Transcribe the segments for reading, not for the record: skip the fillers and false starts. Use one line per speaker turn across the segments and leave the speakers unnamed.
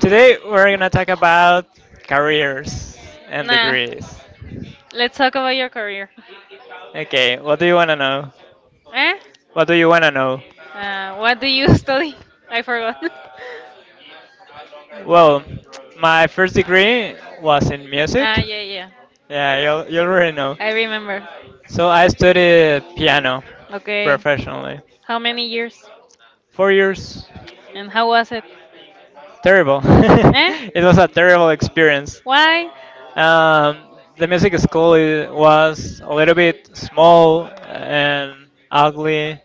Today we're gonna talk about careers and
Nah,
degrees.
let's talk about your career.
Okay, what do you wanna know?
Eh?
What do you wanna know?
What do you study? I forgot.
Well, my first degree was in music.
Ah, yeah, yeah.
Yeah, you already know.
I remember.
So I studied piano
Okay.
professionally.
How many years?
4 years.
And how was it?
Terrible.
Eh?
It was a terrible experience.
Why?
Um, the music school was a little bit small and ugly,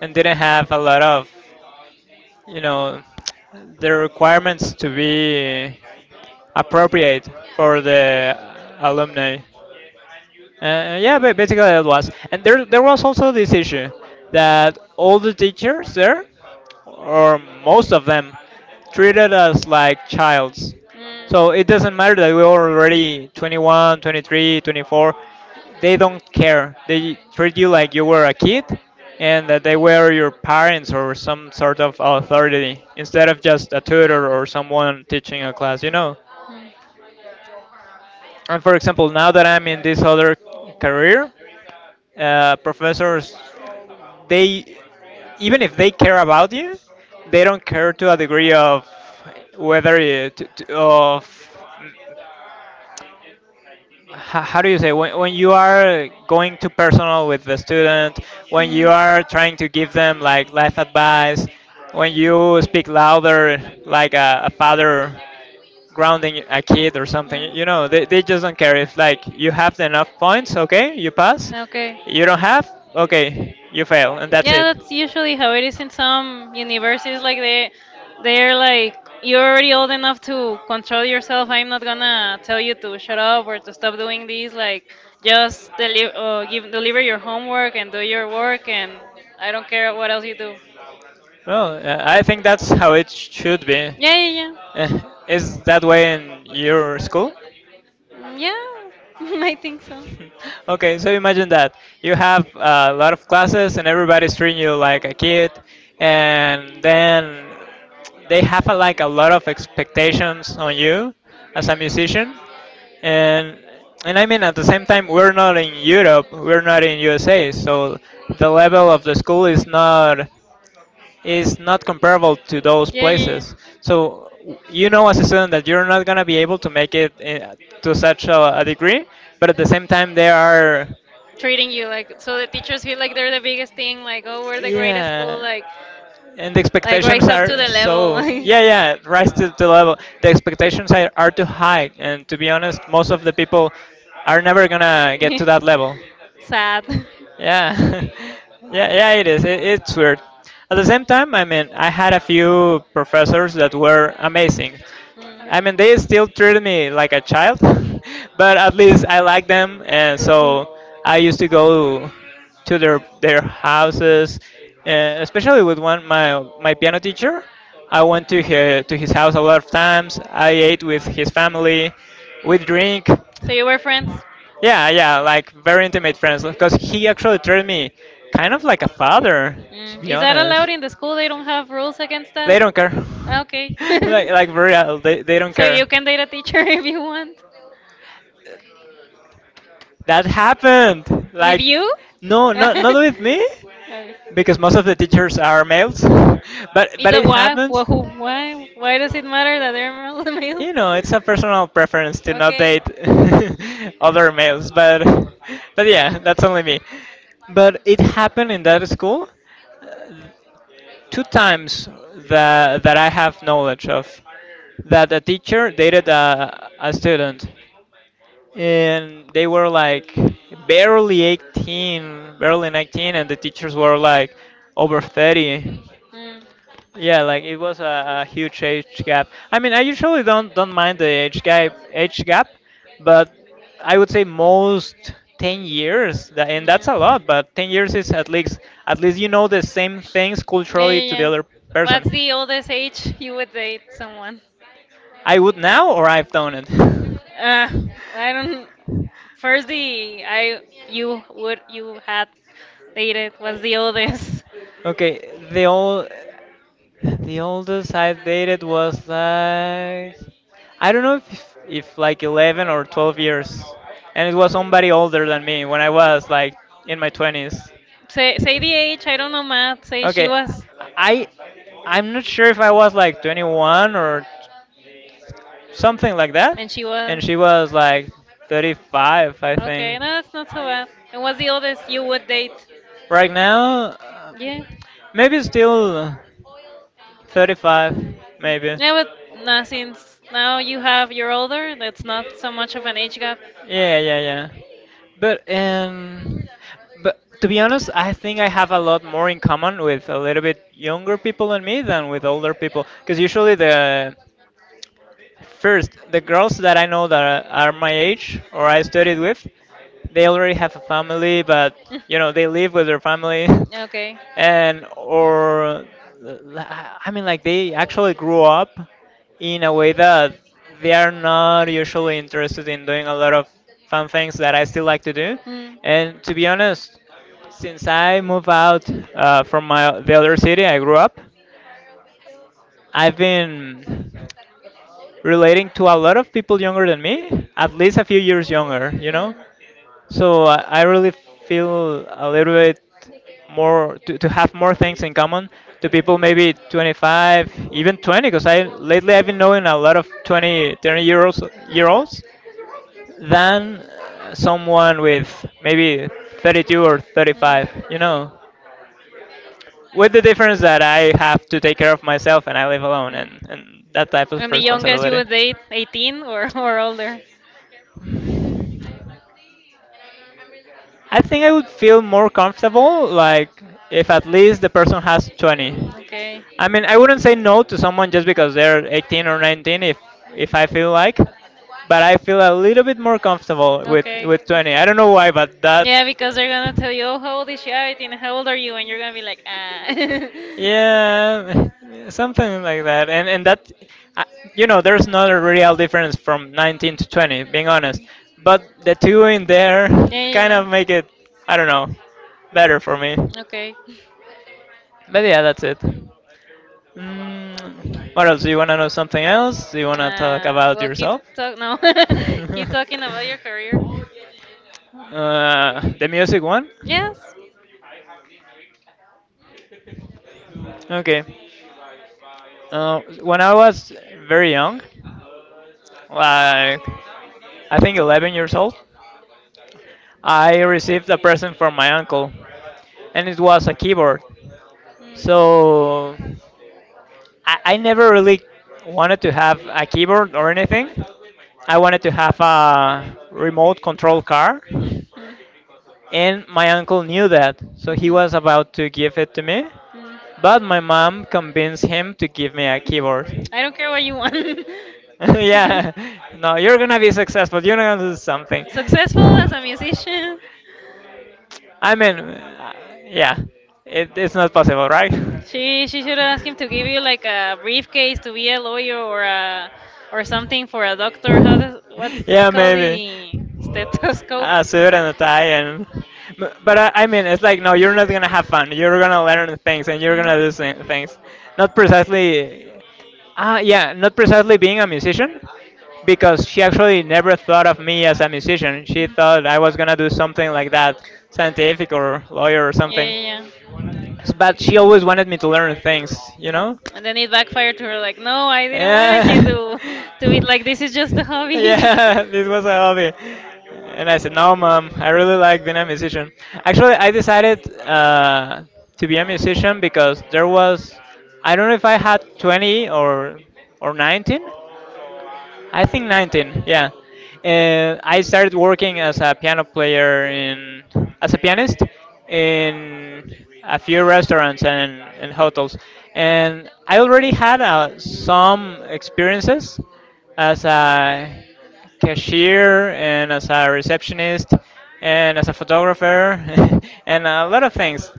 and didn't have a lot of, you know, the requirements to be appropriate for the alumni. Yeah, basically it was. And there was also this issue that all the teachers there, or most of them, treated us like childs. So it doesn't matter that we are already 21, 23, 24. They don't care. They treat you like you were a kid and that they were your parents or some sort of authority instead of just a tutor or someone teaching a class. And for example, now that I'm in this other career, professors, they, even if they care about you, they don't care to a degree of whether you, to, of ho- how do you say, when you are going to personal with the student, when you are trying to give them like life advice, when you speak louder like a father grounding a kid or
Mm.
something. They just don't care. If like you have enough points, okay, you pass. You don't have, okay, you fail, and that's
Yeah,
it.
that's usually how it is in some universities. Like they're like, you're already old enough to control yourself. I'm not gonna tell you to shut up or to stop doing this. Like, just deliver, give, deliver your homework and do your work, and I don't care what else you do.
Well, I think that's how it should be.
Yeah, yeah, yeah.
Eh, is that way in your school?
Mm,
So.
yeah, I think so.
Okay, so imagine that you have a lot of classes and everybody's treating you like a kid, and then they have like a lot of expectations on you as a musician, and and I mean at the same time we're not in Europe, we're not in USA, so the level of the school is not comparable to those
Yeah, yeah, yeah.
places. So you know as a student that you're not going to be able to make it in, to such a degree, but at the same time they are.
Treating you like so the teachers feel like they're the biggest thing, like oh we're the greatest school,
Yeah. And the
like
expectations
rise up to
are
the level.
so, yeah, yeah, rise to the level. The expectations are too high, and to be honest most of the people are never gonna get to that level.
Sad.
Yeah. Yeah, yeah, it is, it's weird. At the same time, I mean, I had a few professors that were amazing. I mean, they still treat me like a child, but at least I like them, and so I used to go to their houses, and especially with one, my piano teacher. I went to his house a lot of times. I ate with his family, we drink.
So you were friends?
Yeah, yeah, like very intimate friends, because he actually treated me kind of like a father, to
Mm.
be
Is that
honest.
allowed in the school? They don't have rules against
They
They
don't care.
don't. Okay.
Like very adult, they don't care.
You can date a teacher if you want?
That happened.
With
Like,
you?
no, not with me,
Okay.
because most of the teachers are males. But
It
but
don't,
it
why,
happens.
why, who, why, why does it matter that they're male? Male?
You know, it's a personal preference to not
Okay.
date other males. But yeah, that's only me. But it happened in that school two times that I have knowledge of, that a teacher dated a student, and they were like barely 18, barely 19, and the teachers were like over 30.
Mm. Yeah.
Yeah, like it was a huge age gap. I mean, I usually don't mind the age gap, but I would say most, 10 years, and that's a lot, but 10 years is at least, at least the same things
Yeah,
culturally
yeah,
to the other
yeah.
person.
What's the oldest age you would date someone?
I would now, or I've done
Uh, I don't.
it.
First, the I you would you had dated was the oldest.
Okay, the oldest I dated was like, I don't know, if like 11 or 12 years. And it was somebody older than me when I was like in my 20s.
Say say the age. I don't know math. Say she
Okay,
was.
I I'm not sure if I was like 21 or something like that.
And she
And
was.
she was like 35, I
Okay,
think.
no, that's not so bad. And what's the oldest you would date?
Right now,
Yeah.
maybe still. 35, maybe.
Yeah, but nah, since now you have you're older, that's not so much of an age gap.
Yeah, yeah, yeah. But um, but to be honest, I think I have a lot more in common with a little bit younger people than me than with older people. Because usually the, the girls that I know that are my age or I studied with, they already have a family, but they live with their family,
Okay. Mm.
and or I mean like they actually grew up in a way that they are not usually interested in doing a lot of fun things that I still like to do,
Mm. Mm. Hmm.
and to be honest, since I moved out, from my the other city I grew up, I've been relating to a lot of people younger than me, at least a few years younger, you know? So I really feel a little bit more to have more things in common to people maybe 25, even 20, because I lately I've been knowing a lot of 20, 30 year olds than, someone with maybe 32 or 35 with the difference that I have to take care of myself and I live alone, and that type of
And the youngest you
responsibility.
would date, 18 or older?
I think I would feel more comfortable like if at least the person has 20.
Okay.
I mean, I wouldn't say no to someone just because they're 18 or 19, if I feel like, but I feel a little bit more comfortable with
Okay.
with 20. I don't know why, but that,
Yeah, because they're gonna tell you, oh, how old is Shabby and how old are you? And you're gonna be like, ah.
yeah, something like that. And that, uh, there's not a real difference from 19 to 20, being honest. But the two in there
Yeah, yeah,
kind
yeah.
of make it, I don't know, better for me.
Okay.
But yeah, that's it. Mm, what else? Do you want to know something else? Do you want to talk
Ah,
about
well, keep
yourself?
talk. No, keep talking about your career.
The music one?
Yes.
Okay. When I was very young, like I think 11 years old, I received a present from my uncle, and it was a keyboard.
Mm. Mhm.
So I never really wanted to
Mhm.
have a keyboard or anything.
Mm.
I wanted to have a remote control car. And my uncle knew that, so he was about to give it to me, but my mom convinced him to give me a keyboard.
I don't care what you want.
Yeah, no, you're gonna be successful. You're gonna do something.
Successful as a musician.
I mean, yeah, it's not possible, right?
She should ask him to give you like a briefcase to be a lawyer or a or something for a doctor. How does what's it
Yeah,
called
maybe.
the stethoscope?
Ah, suit and a tie, and but I mean, it's like, no, you're not gonna have fun. You're gonna learn things, and you're gonna do things. Not precisely. Ah, yeah, not precisely being a musician, because she actually never thought of me as a musician. She thought
Mhm.
I was gonna do something like that, scientific or lawyer or
Yeah,
something.
yeah,
But
yeah.
she always wanted me to learn things, you
Mm.
know.
And then it backfired to her, like, no, I didn't wanted you
Yeah.
to be like, this is just a hobby.
Yeah, this was a hobby. And I said, no, mom, I really like being a musician. Actually, I decided, to be a musician because there was, I don't know if I had 20 or 19, I think 19, yeah. I started working as a piano player in as a pianist in a few restaurants and hotels, and I already had, some experiences as a cashier and as a receptionist and as a photographer and a lot of things.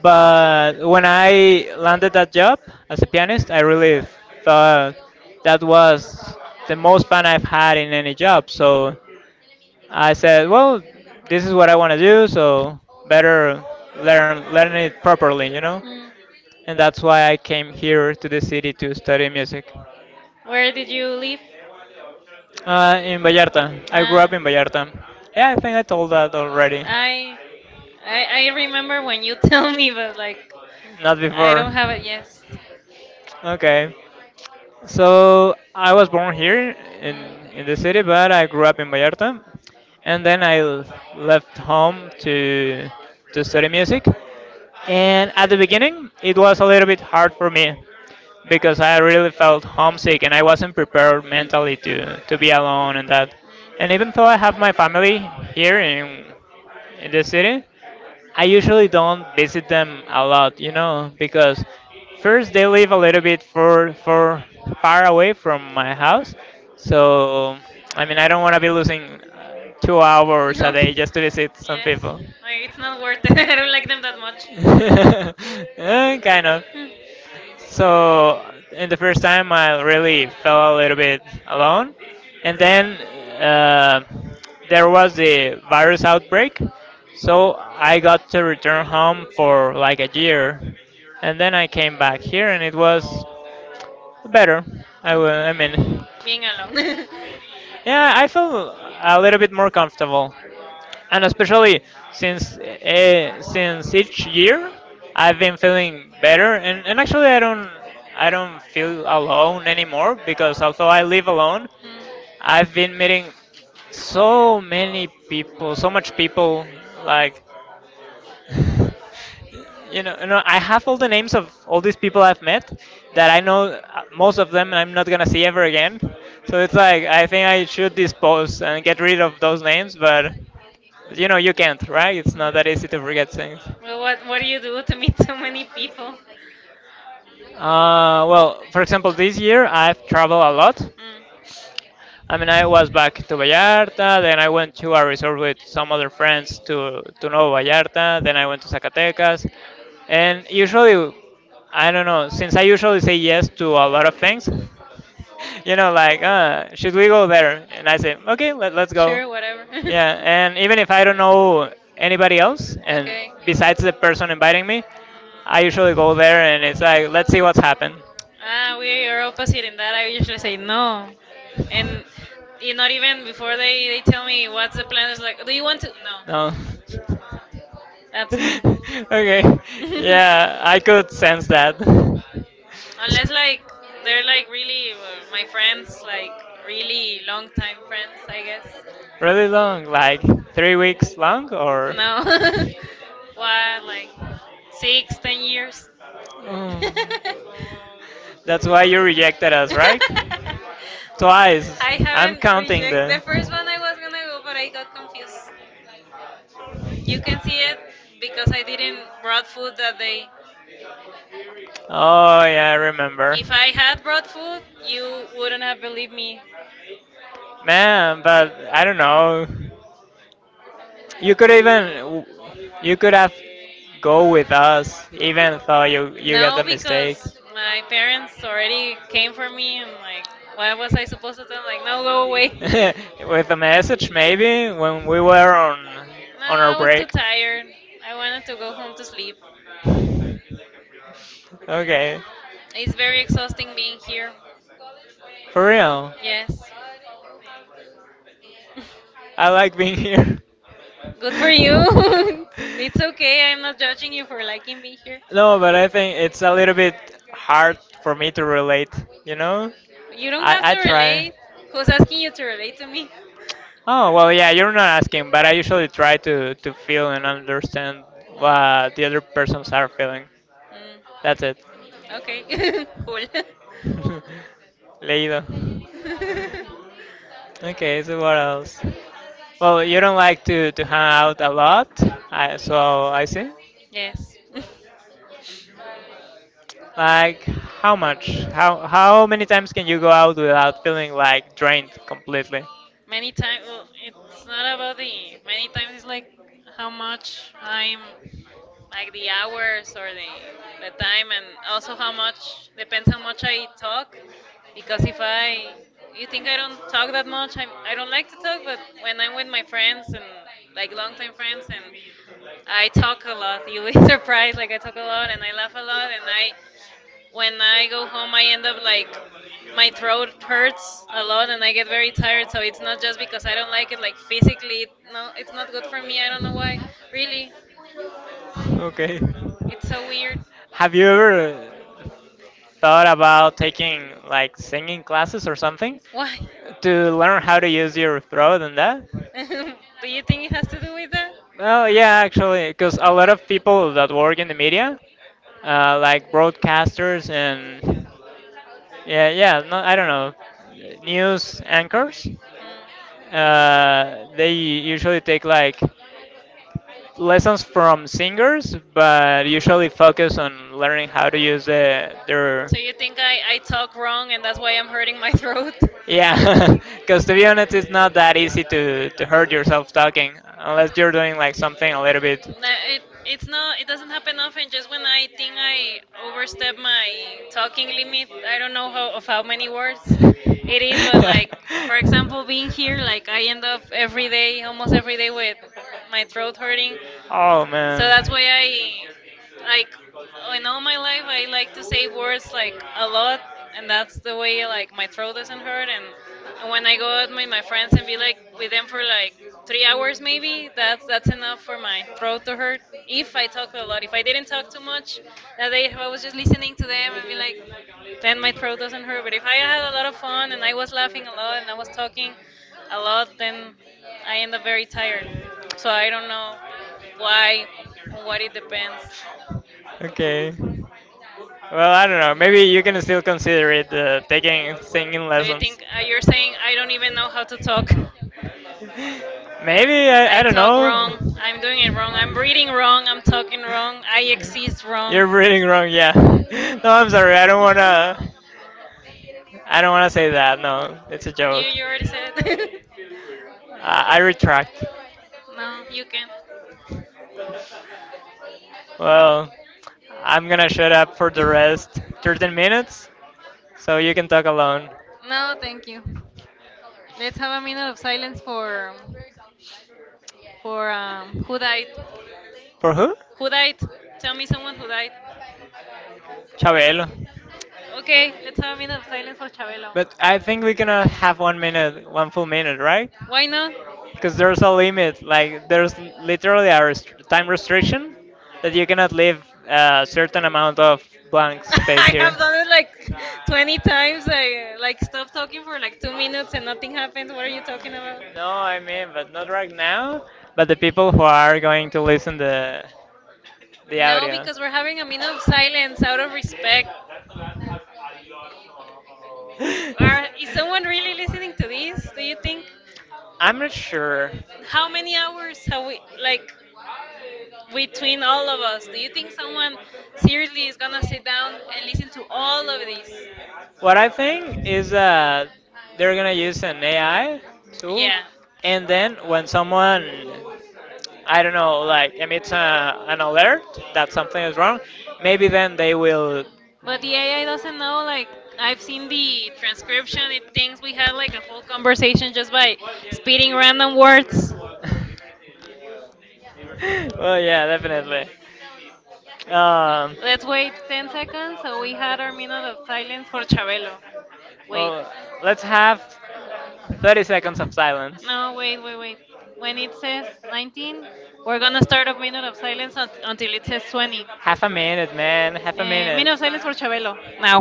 But when I landed that job as a pianist, I really thought that was the most fun I've had in any job. So I said, well, this is what I want to do, so better learn it properly.
Mm.
And that's why I came here to the city to study music.
Where did you live?
In Vallarta, I grew up
Ah.
in Vallarta. Yeah, I think I told that already.
I, I remember when you tell me, but like
Not
I
before.
don't have it. Yes.
Okay. So I was born here in the city,
Mm.
but I grew up in Vallarta, and then I left home to study music. And at the beginning, it was a little bit hard for me because I really felt homesick and I wasn't prepared mentally to be alone and that. And even though I have my family here in the city, I usually don't visit them a lot,
Mm.
because first they live a little bit for far away from my house, so I mean I don't want to be losing, 2 hours a day just to visit some
Yes,
people.
like, it's not worth it. I don't like them that much.
Eh, kind of.
Hmm.
So in the first time, I really felt a little bit alone, and then, uh, there was the virus outbreak. So I got to return home for like a year, and then I came back here, and it was better.
Okay.
I mean,
Being alone.
yeah, I feel a little bit more comfortable, and especially since each year, I've been feeling better, and actually I don't feel alone anymore because although I live alone,
Mm.
I've been meeting so many people, so much people, like. I have all the names of all these people I've met that I know, most of them I'm not gonna see ever again. So it's like I think I should dispose and get rid of those names, but you can't, right? It's not that easy to forget things.
Well, what do you do to meet so many people?
Well, for example, this year I've traveled a lot.
Mm.
I mean, I was back to Vallarta, then I went to a resort with some other friends to Nuevo Vallarta, then I went to Zacatecas. And usually, I don't know, since I usually say yes to a lot of things, like, should we go there? And I say, okay, let's go.
Sure, whatever.
Yeah, and even if I don't know anybody else, and
Okay.
besides the person inviting me,
Mm.
I usually go there and it's like, let's see what's happened.
Ah, we are opposite in that. I usually say no, and y- not even before they tell me what's the plan. It's like, do you want to? No,
No.
that's me.
Okay. Yeah, I could sense that.
Unless like they're like really my friends, like really long time friends, I guess.
Really long, like 3 weeks long, or?
No. What, like six, 10 years?
Oh. That's why you rejected us, right? Twice.
I
I'm
haven't Incomplete.
counting
Rejected the
the.
first one I was gonna go, but I got confused. You can see it because I didn't brought food that day.
Oh yeah, I remember.
If I had brought food, you wouldn't have believed me.
Man, but I don't know. You could even you could have go with us even though you got the
No,
mistake.
because my parents already came for me and like, why was I supposed to tell them, like, no, go away?
With a message maybe when we were on
No,
on our
I was too
break.
tired. I wanted to go home to sleep.
Okay.
It's very exhausting being here.
For real.
Yes.
I like being here.
Good for you. It's okay. I'm not judging you for liking me here.
No, but I think it's a little bit hard for me to relate, you know?
You don't have
I
to
try.
relate. Who's asking you to relate to me?
Oh, well, yeah, you're not asking, but I usually try to feel and understand what the other persons are feeling.
Mm.
That's it.
Mm. Okay. Cool.
Leído. Okay, so what else? Well, you don't like to hang out a lot, so I see.
Yes.
Like, how much? How many times can you go out without feeling like drained completely?
Many times, well, it's not about the. Many times it's like how much I'm, like the hours or the time, and also how much depends how much I talk, because if I, you think I don't talk that much, I don't like to talk, but when I'm with my friends and like long-time friends and I talk a lot. You'll be surprised. Like I talk a lot and I laugh a lot and I when I go home, I end up like my throat hurts a lot and I get very tired. So it's not just because I don't like it, like physically, it, no, it's not good for me. I don't know why. Really,
Okay. it's so Okay.
it's so weird.
Have you ever uh, thought about taking like singing classes or something
Why?
to learn how to use your throat and that?
Do you think it has to do with that?
Well, yeah, actually, because a lot of people that work in the media, like broadcasters and yeah, yeah, no, I don't know, news anchors, they usually take like lessons from singers, but usually focus on
Mm.
learning how to use their
So you think I talk wrong and that's why I'm hurting my throat? That-
Yeah, because to be honest, it's not that easy to hurt yourself talking unless you're doing like something a little bit.
It's not it doesn't happen often just when I think I overstep my talking limit. I don't know how of how many words it is, but like for example being here like I end up every day almost every day with my throat hurting
Oh
so that's why I like in all my life I like to say words like a lot and that's the way like my
man.
throat doesn't hurt and when I go out with my friends and be like with them for like 3 hours maybe that's enough for my throat to hurt if I talk a lot. If I didn't talk too much that day if I was just listening to them and be like then my throat doesn't hurt. But if I had a lot of fun and I was laughing a lot and I was talking a lot then I end up very tired. So I don't know. Why? On what it depends.
Okay. Well, I don't know. Maybe you can still consider it taking singing.
So you think you're saying I don't even know how to talk?
Maybe I,
I
I don't
talk
know.
wrong. I'm doing it wrong. I'm reading wrong. I'm talking wrong. I exist wrong.
You're reading wrong, yeah. No, I'm sorry. I don't wanna say that. No, it's a
You
joke.
you already said.
I retract.
No, you can.
Well, I'm gonna shut up for the rest 13 minutes, so you can talk alone.
No, thank you. Let's have a minute of silence for for who died.
For who?
Who died? Tell me someone who died.
Chabelo.
Okay, let's have a
Okay,
minute of silence for Chabelo.
but I think we cannot have 1 minute, 1 full minute, right?
Why not?
Because there's a limit. Like there's literally a time restriction that you cannot leave a certain amount of blank space
I
here.
have
Can
done it like
do
20 times. I like stop talking for like 2 minutes and nothing happens. What are you talking about?
No, I mean, but not right now. But the people who are going to listen the
No, because we're having a minute of silence out of respect.
Are,
Are, is
is.
someone really listening to this? Do you think?
Not sure.
How many hours have we like between all of us? Do you think someone seriously is gonna sit down and listen to all of this?
What I think is that they're gonna use an AI tool,
Yeah.
and then when someone, I don't know, like emits an alert that something is wrong, maybe then they will.
But the AI doesn't know, like, I've seen the transcription, it thinks we had like a full conversation just by spitting random words.
Well, yeah, definitely. Um,
Let's wait 10 seconds so we had our minute of silence for Chabelo. Wait.
well, let's have 30 seconds of silence.
No, wait, wait, wait. When it says 19, we're gonna start a minute of silence unt- until it says 20.
Half a minute, man. Half a minute.
Minute of silence for Chabelo. Now.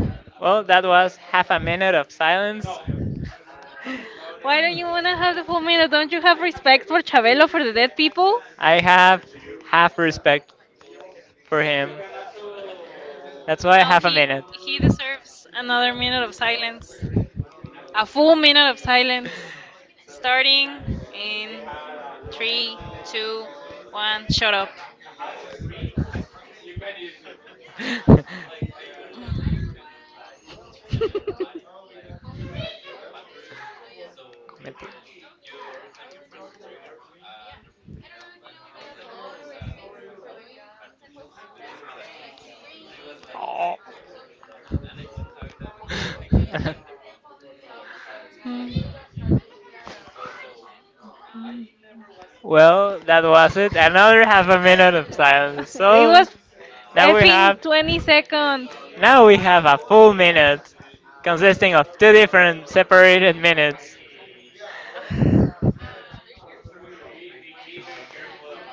Now. Well, that was half a minute of silence. Why?
Why don't you wanna have the full meal? Don't you have respect for Chabelo for the dead people?
I have half respect for him. That's why
No,
half a
he
minute.
he deserves another minute of silence. A full minute of silence. Starting in three, two, one, shut up.
in Comment. Oh.
Hmm.
Well, that was it. Another half a minute of silence.
It
So
was
now we
effing
have
20 seconds.
now we have a full minute consisting of 2 different separated minutes.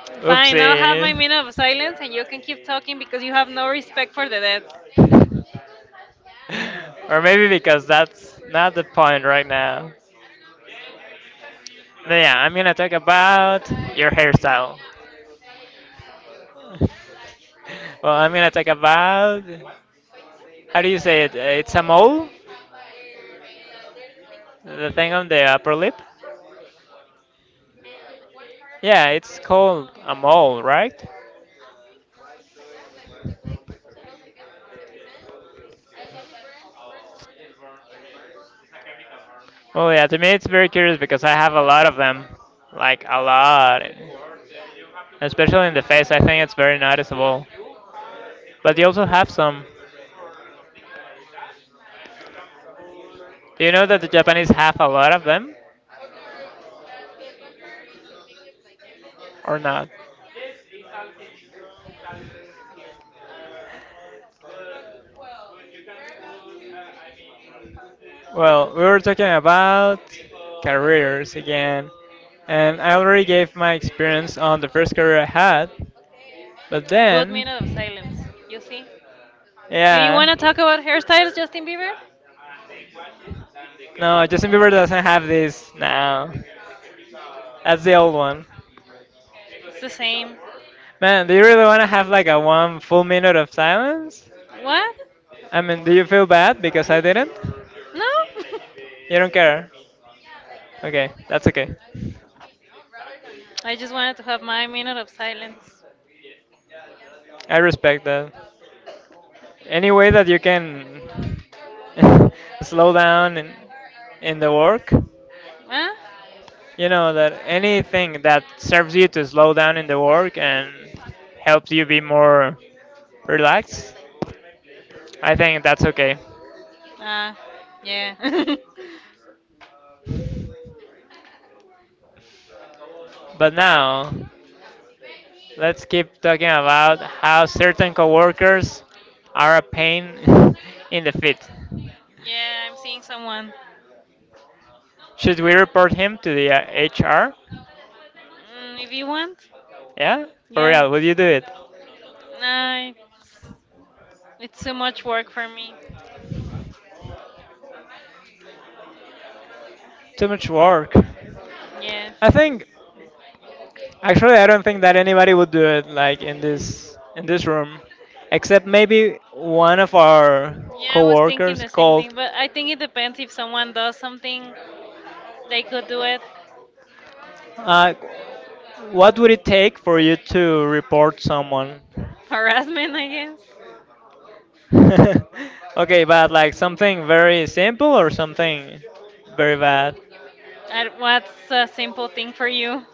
I know half.
Fine, I'll have my
Oopsie.
minute of silence and you can keep talking because you have no respect for the dead.
Or maybe because that's not the point right now. But yeah, I'm gonna talk about your hairstyle. Well, I'm gonna talk about how do you say it? It's a mole, the thing on the upper lip. Yeah, it's called a mole, right? Well, yeah, to me it's very curious because I have a lot of them, like a lot, especially in the face. I think it's very noticeable. But you also have some. Do you know that the Japanese have a lot of them or not? Well, we were talking about careers again, and I already gave my experience on the first career I had, but
Good
then,
minute of silence, you see? Do you want to
yeah,
talk about hairstyles, Justin Bieber?
no, Justin Bieber doesn't have this now. That's the old one.
It's the same.
Man, do you really want to have like a 1 full minute of silence?
What?
I mean, do you feel bad because I didn't?
No?
You don't care. Okay, that's okay.
I just wanted to have my minute of silence.
I respect that. Any way that you can slow down in the work,
Huh?
that anything that serves you to slow down in the work and helps you be more relaxed, I think that's okay.
Ah, yeah.
But now, let's keep talking about how certain coworkers are a pain in the feet.
Yeah, I'm seeing someone.
Should we report him to the HR?
Mm, if you want,
Yeah, for
yeah.
real, would you do it?
Nah, it's too much work for me.
Too much work.
Yes.
I think actually I don't think that anybody would do it like in this room except maybe one of our
Yeah, I was thinking
coworkers
the same
called.
thing, but I think it depends if someone does something, they could do it.
Uh, what would it take for you to report someone?
Harassment, I guess.
Okay, but like something very simple or something very bad?
I, what's a simple thing for you?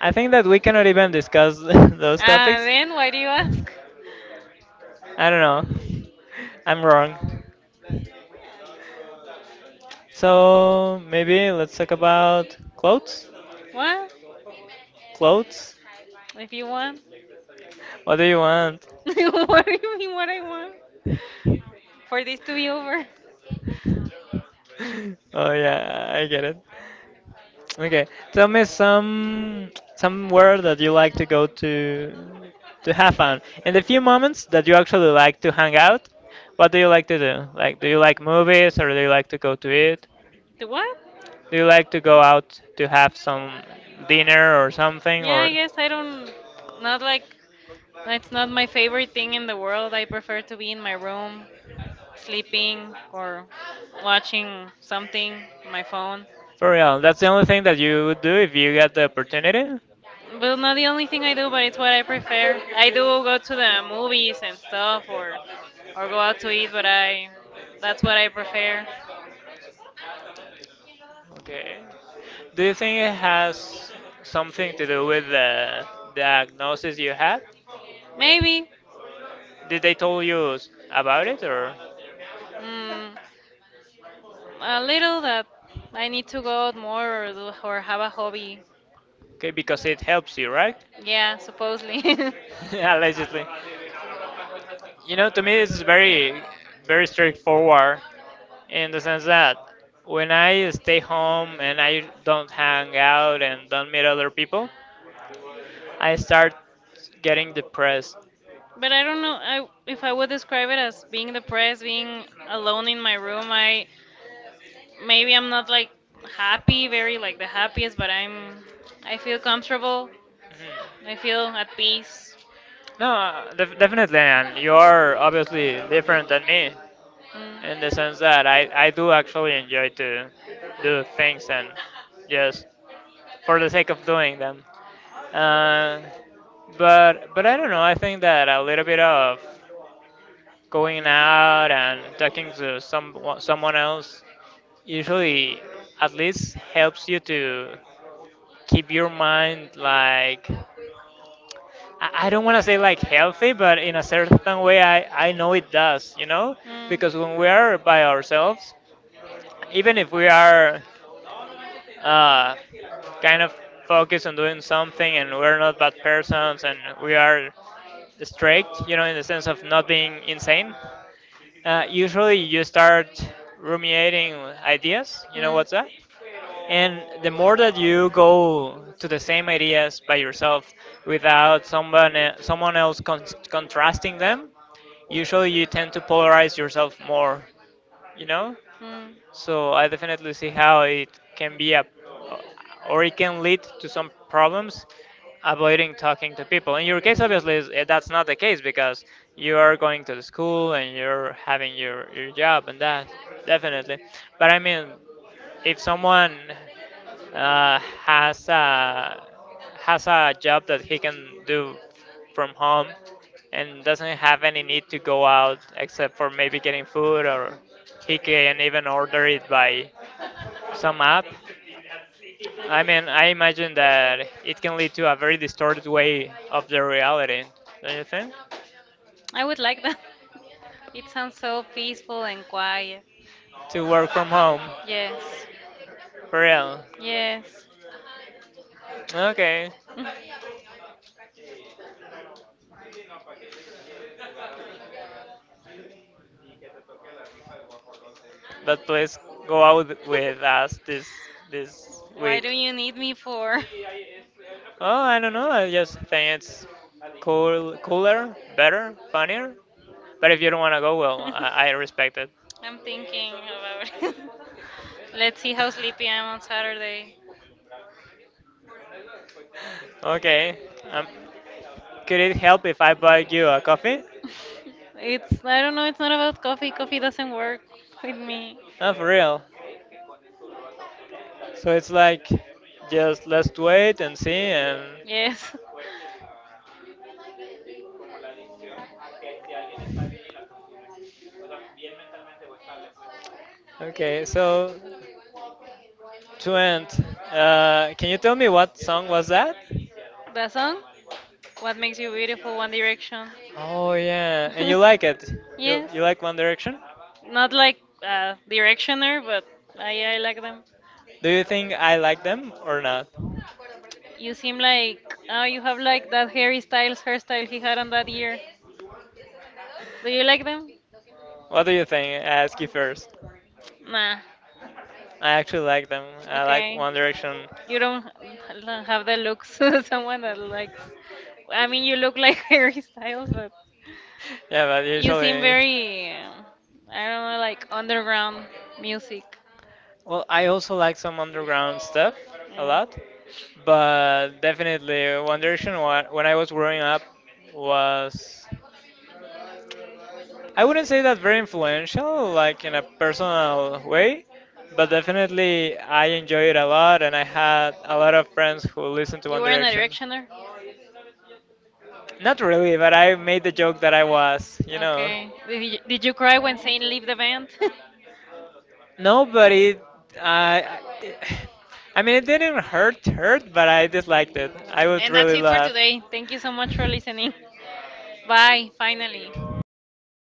I think that we cannot even discuss those
Ah,
topics.
then why do you
I
ask?
don't know. I'm wrong. So maybe let's talk about clothes.
What?
Clothes?
If you want,
What do you want?
what do you mean? What I want for this to be over?
Oh yeah, I get it. Okay, tell me somewhere that you like to go to have fun. In the few moments that you actually like to hang out, what do you like to do? Like, do you like movies or do you like to go to eat?
The what?
Do you like to go out to have some dinner or something?
Yeah,
Or
I guess I don't. Not like it's not my favorite thing in the world. I prefer to be in my room, sleeping or watching something on my phone.
for real, that's the only thing that you would do if you get the opportunity?
Well, not the only thing I do, but it's what I prefer. I do go to the movies and stuff, or go out to eat, but I that's what I prefer.
Okay. Do you think it has something to do with the diagnosis you had?
Maybe.
Did they tell you about it, or?
Mm, a little that I need to go out more or do or have a hobby.
Okay, because it helps you, right?
Yeah, supposedly.
Allegedly. You know, to me, it's very, very straightforward in the sense that when I stay home and I don't hang out and don't meet other people, I start getting depressed.
But I don't know I, if I would describe it as being depressed, being alone in my room. I maybe I'm not like happy, very like the happiest, but I'm I feel comfortable. I
Mhm.
feel at peace.
No, definitely, and you are obviously different than me
Mm. In
in the sense
the
that I do actually enjoy to do things and just for the sake of doing them. Uh, but I don't know. I think that a little bit of going out and talking to someone else usually at least helps you to keep your mind like I don't want to say like healthy, but in a certain way, I know it does,
Mm.
because when we
Because
are by ourselves, even if we are uh, kind of focused on doing something and we're not bad persons and we are straight, in the sense of not being insane, usually, you start ruminating ideas. You know what's that? And the more that you go to the same ideas by yourself without someone else contrasting them, usually you tend to polarize yourself more. You know?
Mm.
So I definitely see how it can be or it can lead to some problems avoiding talking to people. In your case, obviously, that's not the case because you are going to the school and you're having your job and that, definitely. But I mean, if someone uh, has a has a job that he can do from home and doesn't have any need to go out except for maybe getting food or he can even order it by some app. I mean, I imagine that it can lead to a very distorted way of the reality, don't you think?
I would like that. It sounds so peaceful and quiet.
To work from home,
Yes.
for real.
Yes.
Okay. But please go out with us
Mm.
this
Why
week.
do you need me for?
Oh, I don't know. I just think it's cool, cooler, better, funnier. But if you don't want to go, well, I respect it.
I'm thinking about it. Let's see how sleepy I'm on Saturday.
Okay. Um, could it help if I buy you a coffee?
It's I don't know, it's not about coffee. Coffee doesn't work with me.
Oh, for real. So it's like just let's wait and see and
Yes.
okay. So to end, can you tell me what song was that?
That song? What makes you beautiful? One Direction.
Oh yeah, and you like it. You
Yes.
you like One Direction?
Not like a directioner, but I like them.
Do you think I like them or not?
You seem like oh, you have like that Harry Styles hairstyle he had on that year. Do you like them?
What do you think? I ask you first.
Nah.
I actually like them. I like One Direction.
You don't h- don't have the looks of someone that likes. I mean, you look like Harry Styles, but
Yeah, but usually.
very, I don't know, like underground music.
Well, I also like some underground stuff a lot, but definitely One Direction when I was growing up was I wouldn't say that very influential, like in a personal way, but definitely I enjoy it a lot, and I had a lot of friends who listened to One
A
Direction.
directioner?
Not really, but I made the joke that I was.
Okay. Did you cry when saying leave the band? I
No, but it, I, I I mean, it didn't hurt, hurt, but I disliked it. I would
and that's
really
it for
laugh.
today. Thank you so much for listening. Bye, finally.